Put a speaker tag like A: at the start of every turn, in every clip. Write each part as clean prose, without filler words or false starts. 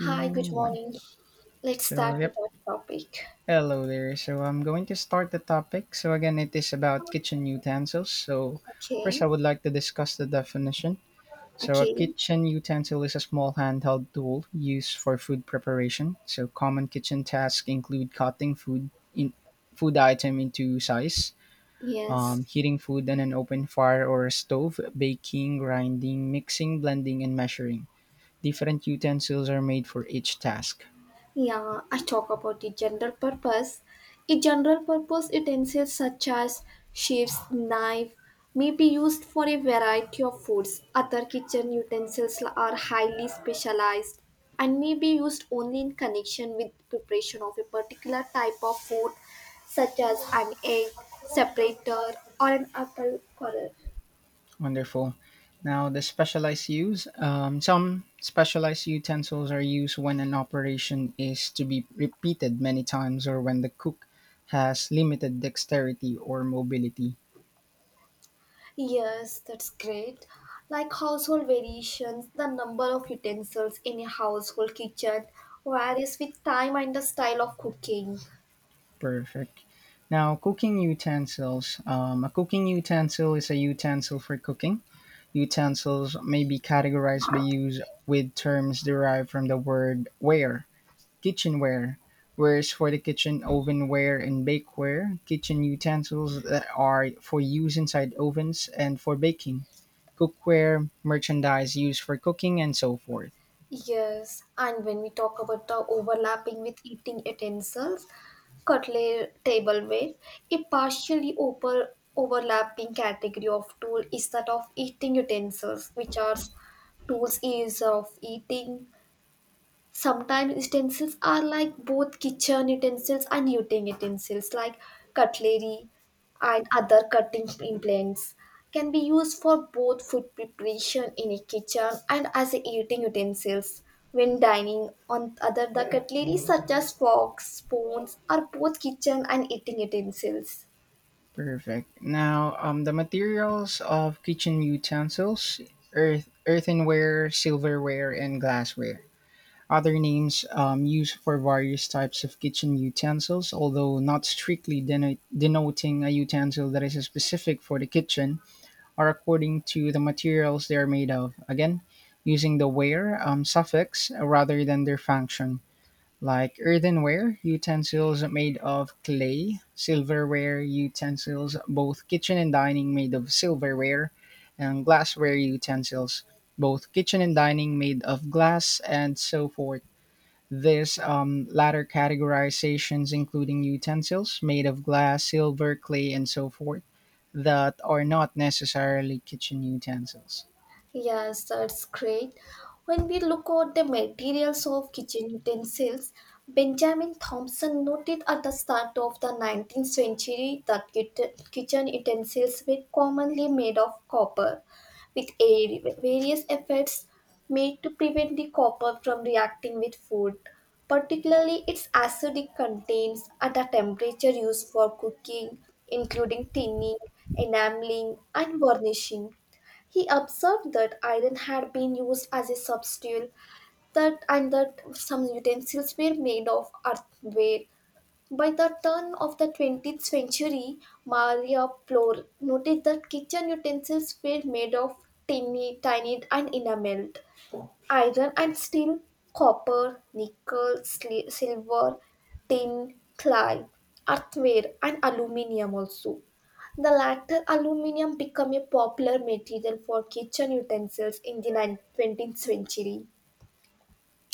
A: Hi, good
B: one.
A: morning. Let's
B: So,
A: start with
B: yep.
A: our topic.
B: Hello there. So, I'm going to start the topic. So, again, it is about kitchen utensils. So, first,
A: Okay,
B: I would like to discuss the definition. So, a
A: okay,
B: kitchen utensil is a small handheld tool used for food preparation. So, common kitchen tasks include cutting food in food item into size,
A: yes.
B: heating food on an open fire or a stove, baking, grinding, mixing, blending, and measuring. Different utensils are made for each task.
A: Yeah, I talk about the general purpose. A general purpose utensils such as sheaves, knife may be used for a variety of foods. Other kitchen utensils are highly specialized and may be used only in connection with preparation of a particular type of food such as an egg separator or an apple corer.
B: Wonderful. Now, the specialized use. Some specialized utensils are used when an operation is to be repeated many times or when the cook has limited dexterity or mobility.
A: Yes, that's great. Like household variations, the number of utensils in a household kitchen varies with time and the style of cooking.
B: Perfect. Now, cooking utensils. A cooking utensil is a utensil for cooking. Utensils may be categorized by use with terms derived from the word ware. Kitchenware, wares for the kitchen, ovenware and bakeware, kitchen utensils that are for use inside ovens and for baking, cookware, merchandise used for cooking, and so forth.
A: Yes, and when we talk about the overlapping with eating utensils, cutlery, tableware, a partially overlapping category of tool is that of eating utensils, which are tools used of eating. Sometimes utensils are like both kitchen utensils and eating utensils, like cutlery and other cutting implements, can be used for both food preparation in a kitchen and as a eating utensils. When dining, on other the cutlery such as forks, spoons are both kitchen and eating utensils.
B: Perfect. Now, the materials of kitchen utensils, earth, earthenware, silverware, and glassware. Other names used for various types of kitchen utensils, although not strictly denoting a utensil that is specific for the kitchen, are according to the materials they are made of. Again, using the ware suffix rather than their function, like earthenware, utensils made of clay, silverware, utensils, both kitchen and dining made of silverware, and glassware utensils, both kitchen and dining made of glass, and so forth. These latter categorizations including utensils made of glass, silver, clay, and so forth that are not necessarily kitchen utensils.
A: Yes, that's great. When we look at the materials of kitchen utensils, Benjamin Thompson noted at the start of the 19th century that kitchen utensils were commonly made of copper, with various efforts made to prevent the copper from reacting with food, particularly its acidic contents at a temperature used for cooking, including tinning, enameling, and varnishing. He observed that iron had been used as a substitute, that some utensils were made of earthenware. By the turn of the 20th century, Maria Plor noted that kitchen utensils were made of tiny and enameled. Iron and steel, copper, nickel, silver, tin, clay, earthenware, and aluminium also. The latter aluminium became a popular material for kitchen utensils in the 19th century.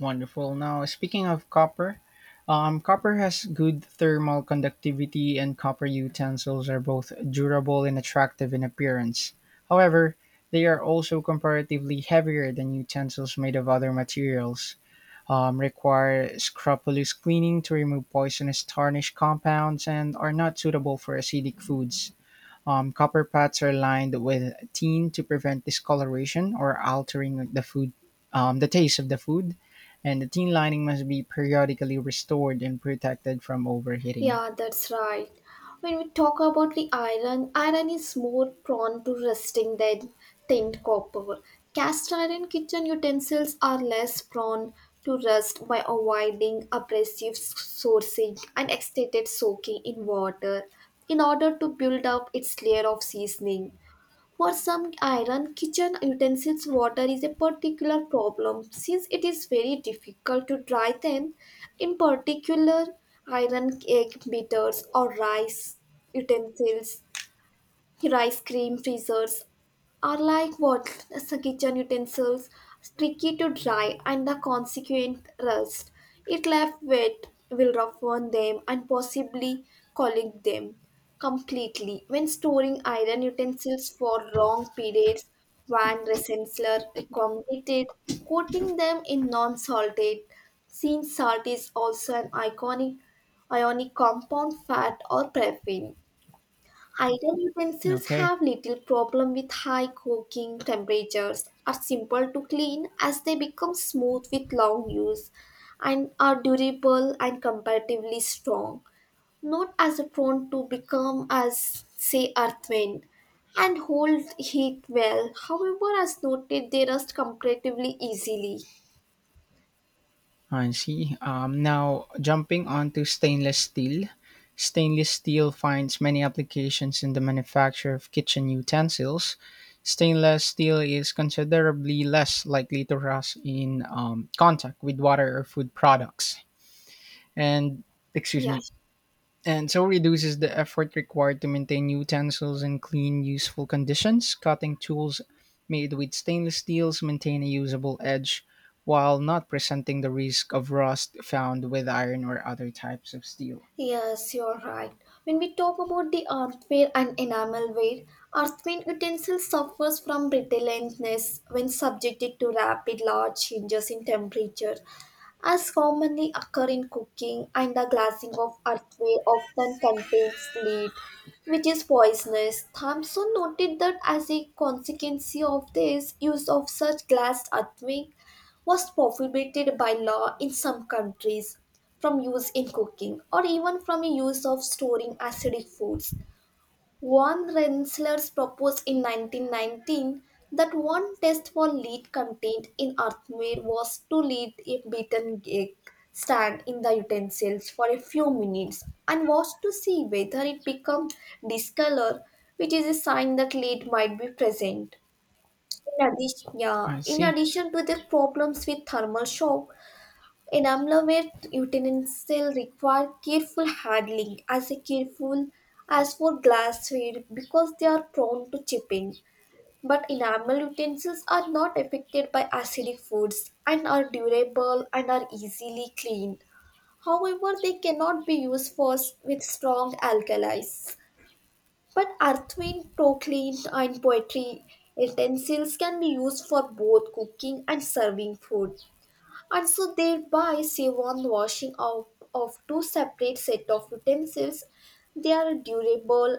B: Wonderful. Now, speaking of copper, copper has good thermal conductivity, and copper utensils are both durable and attractive in appearance. However, they are also comparatively heavier than utensils made of other materials, require scrupulous cleaning to remove poisonous tarnish compounds and are not suitable for acidic foods. Copper pots are lined with tin to prevent discoloration or altering the food, the taste of the food, and the tin lining must be periodically restored and protected from overheating.
A: Yeah, that's right. When we talk about the iron, iron is more prone to rusting than tinned copper. Cast iron kitchen utensils are less prone to rust by avoiding abrasive sourcing and extended soaking in water in order to build up its layer of seasoning. For some iron kitchen utensils, water is a particular problem since it is very difficult to dry them. In particular, iron cake beaters or rice utensils, rice cream freezers are like what the kitchen utensils, tricky to dry and the consequent rust. It left wet will rough on them and possibly collect them completely. When storing iron utensils for long periods, Van Rensselaer recommended coating them in non-salted. Since salt is also an iconic ionic compound, fat or paraffin. Idle utensils
B: Okay.
A: have little problem with high cooking temperatures, are simple to clean as they become smooth with long use, and are durable and comparatively strong, not as prone to become as, say, earthen, and hold heat well. However, as noted, they rust comparatively easily.
B: I see. Now, jumping onto stainless steel finds many applications in the manufacture of kitchen utensils. Stainless steel is considerably less likely to rust in contact with water or food products. And, excuse
A: Yeah.
B: me, and so reduces the effort required to maintain utensils in clean, useful conditions. Cutting tools made with stainless steels maintain a usable edge while not presenting the risk of rust found with iron or other types of steel.
A: Yes, you're right. When we talk about the earthware and enamelware, earthenware utensil suffers from brittleness when subjected to rapid large changes in temperature, as commonly occur in cooking, and the glassing of earthware often contains lead, which is poisonous. Thompson noted that as a consequence of this use of such glass earthware, was prohibited by law in some countries from use in cooking or even from use of storing acidic foods. Von Rensselaers proposed in 1919 that one test for lead contained in earthenware was to leave a beaten egg stand in the utensils for a few minutes and watch to see whether it became discolored, which is a sign that lead might be present. In addition, yeah,
B: I
A: in
B: see.
A: addition to the problems with thermal shock, enamelware utensil require careful handling as a careful as for glassware because they are prone to chipping. But enamel utensils are not affected by acidic foods and are durable and are easily cleaned. However, they cannot be used for with strong alkalis. But earthen, crockery, and poetry utensils can be used for both cooking and serving food and so thereby save on washing out of two separate set of utensils. They are durable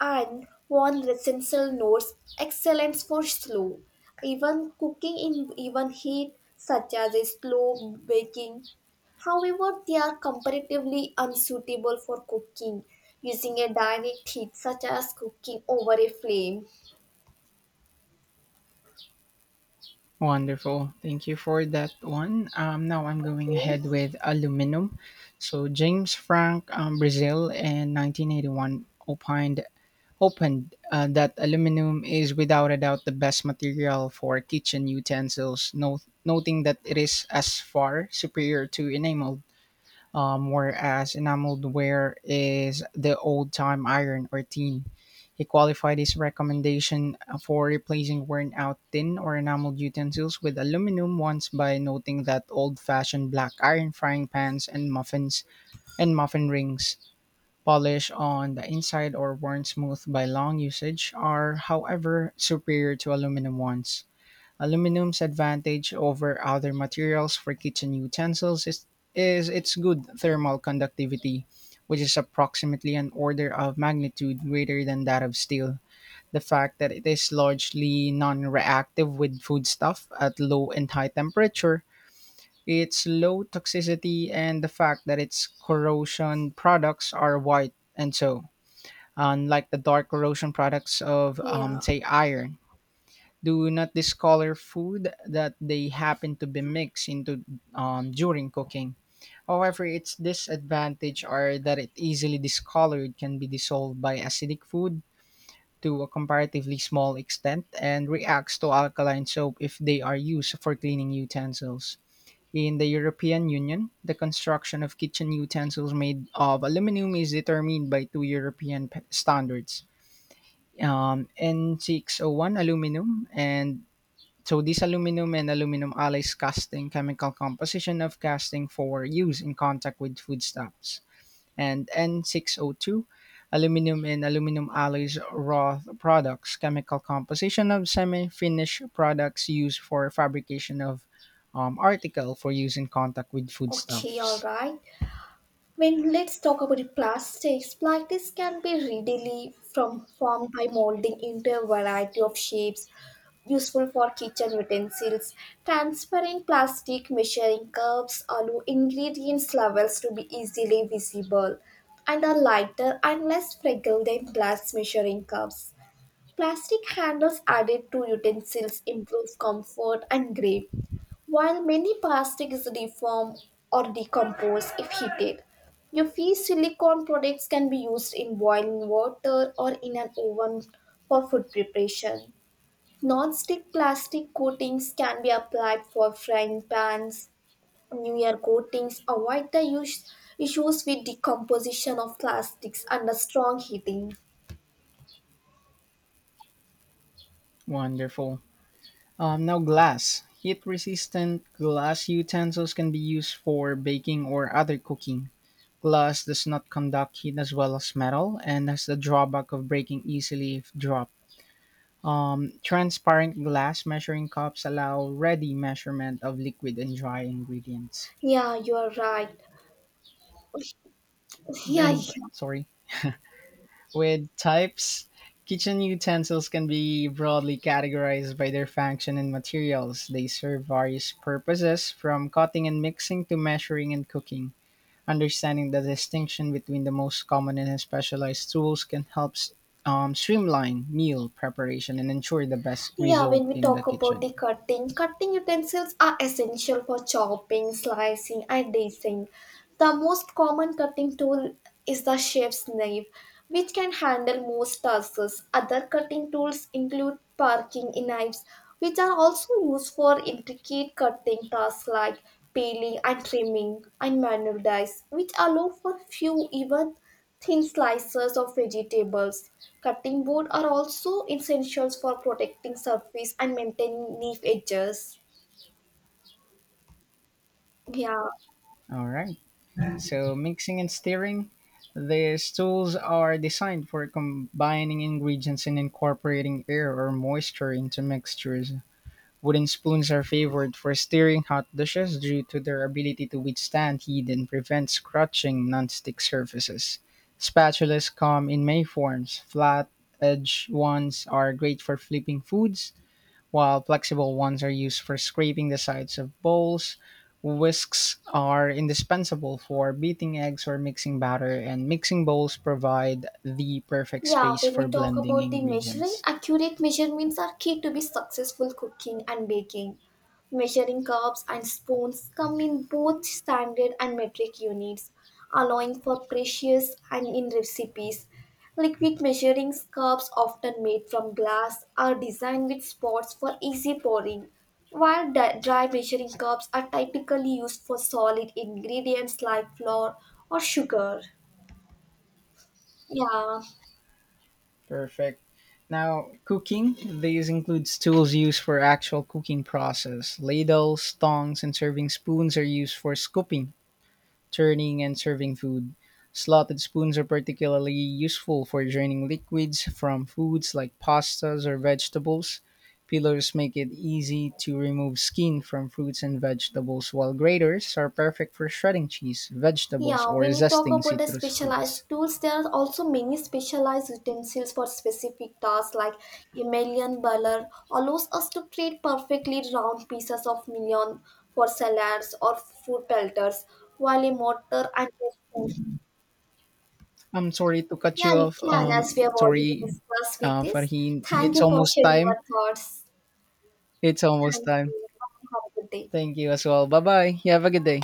A: and one essential notes excellence for slow, even cooking in even heat, such as a slow baking. However, they are comparatively unsuitable for cooking using a direct heat, such as cooking over a flame.
B: Wonderful. Thank you for that one. Now I'm going
A: Okay,
B: ahead with aluminum. So James Frank, Brazil, in 1981 opined opened that aluminum is without a doubt the best material for kitchen utensils, noting that it is as far superior to enamel whereas enameled ware is the old time iron or tin. He qualified his recommendation for replacing worn out tin or enameled utensils with aluminum ones by noting that old fashioned black iron frying pans and muffin rings, polished on the inside or worn smooth by long usage, are, however, superior to aluminum ones. Aluminum's advantage over other materials for kitchen utensils is its good thermal conductivity, which is approximately an order of magnitude greater than that of steel. The fact that it is largely non reactive with foodstuff at low and high temperature, its low toxicity, and the fact that its corrosion products are white and so, unlike the dark corrosion products of,
A: yeah,
B: say, iron. Do not discolor food that they happen to be mixed into during cooking. However, its disadvantage are that it easily discolored can be dissolved by acidic food to a comparatively small extent and reacts to alkaline soap if they are used for cleaning utensils. In the European Union, the construction of kitchen utensils made of aluminum is determined by two European standards, N601 aluminum and so these aluminum and aluminum alloys casting chemical composition of casting for use in contact with foodstuffs. And N602, aluminum and aluminum alloys raw products chemical composition of semi-finished products used for fabrication of article for use in contact with
A: okay, all
B: foodstuffs.
A: right. When let's talk about the plastics, plastics can be readily from formed by molding into a variety of shapes, useful for kitchen utensils, transparent plastic measuring cups allow ingredients levels to be easily visible and are lighter and less fragile than glass measuring cups. Plastic handles added to utensils improve comfort and grip, while many plastics deform or decompose if heated. Your free silicone products can be used in boiling water or in an oven for food preparation. Non-stick plastic coatings can be applied for frying pans. Newer coatings avoid the use, issues with decomposition of plastics under strong heating.
B: Wonderful. Now glass. Heat resistant glass utensils can be used for baking or other cooking. Glass does not conduct heat as well as metal and has the drawback of breaking easily if dropped. Transparent glass measuring cups allow ready measurement of liquid and dry ingredients.
A: Yeah, you are right. Yeah.
B: And sorry, with types, kitchen utensils can be broadly categorized by their function and materials. They serve various purposes from cutting and mixing to measuring and cooking. Understanding the distinction between the most common and specialized tools can help streamline meal preparation and ensure the best
A: Yeah, when
B: result
A: we
B: in the
A: talk about
B: kitchen.
A: the cutting, cutting utensils are essential for chopping, slicing, and dicing. The most common cutting tool is the chef's knife, which can handle most tasks. Other cutting tools include parking knives, which are also used for intricate cutting tasks like peeling and trimming, and manual dice, which allow for few even thin slices of vegetables, cutting board are also essentials for protecting surface and maintaining leaf edges. Yeah.
B: All right. So, mixing and stirring. These tools are designed for combining ingredients and incorporating air or moisture into mixtures. Wooden spoons are favored for stirring hot dishes due to their ability to withstand heat and prevent scratching nonstick surfaces. Spatulas come in many forms. Flat edged ones are great for flipping foods, while flexible ones are used for scraping the sides of bowls. Whisks are indispensable for beating eggs or mixing batter, and mixing bowls provide the perfect
A: Yeah,
B: space
A: when
B: for
A: we talk
B: blending
A: about the measuring,
B: ingredients.
A: accurate measurements are key to be successful cooking and baking. Measuring cups and spoons come in both standard and metric units, allowing for precious and in recipes. Liquid measuring cups often made from glass are designed with spots for easy pouring, while dry measuring cups are typically used for solid ingredients like flour or sugar. Yeah.
B: Perfect. Now, cooking, these includes tools used for actual cooking process. Ladles, tongs, and serving spoons are used for scooping, turning, and serving food. Slotted spoons are particularly useful for draining liquids from foods like pastas or vegetables. Peelers make it easy to remove skin from fruits and vegetables, while graters are perfect for shredding cheese, vegetables,
A: Yeah,
B: or
A: when we talk
B: zesting
A: about the
B: citrus fruits.
A: specialized tools, there are also many specialized utensils for specific tasks like Emilian Baller allows us to create perfectly round pieces of million for salads or food pelters, while a mortar and a spoon.
B: I'm sorry to cut
A: Yeah,
B: you
A: you
B: off.
A: can, as we have already
B: Sorry.
A: discussed with this.
B: Farheen,
A: Thank
B: it's
A: you for
B: almost
A: sharing
B: time.
A: your thoughts.
B: It's almost
A: Thank
B: time.
A: you. Have a good day.
B: Thank you as well. Bye bye. You have a good day.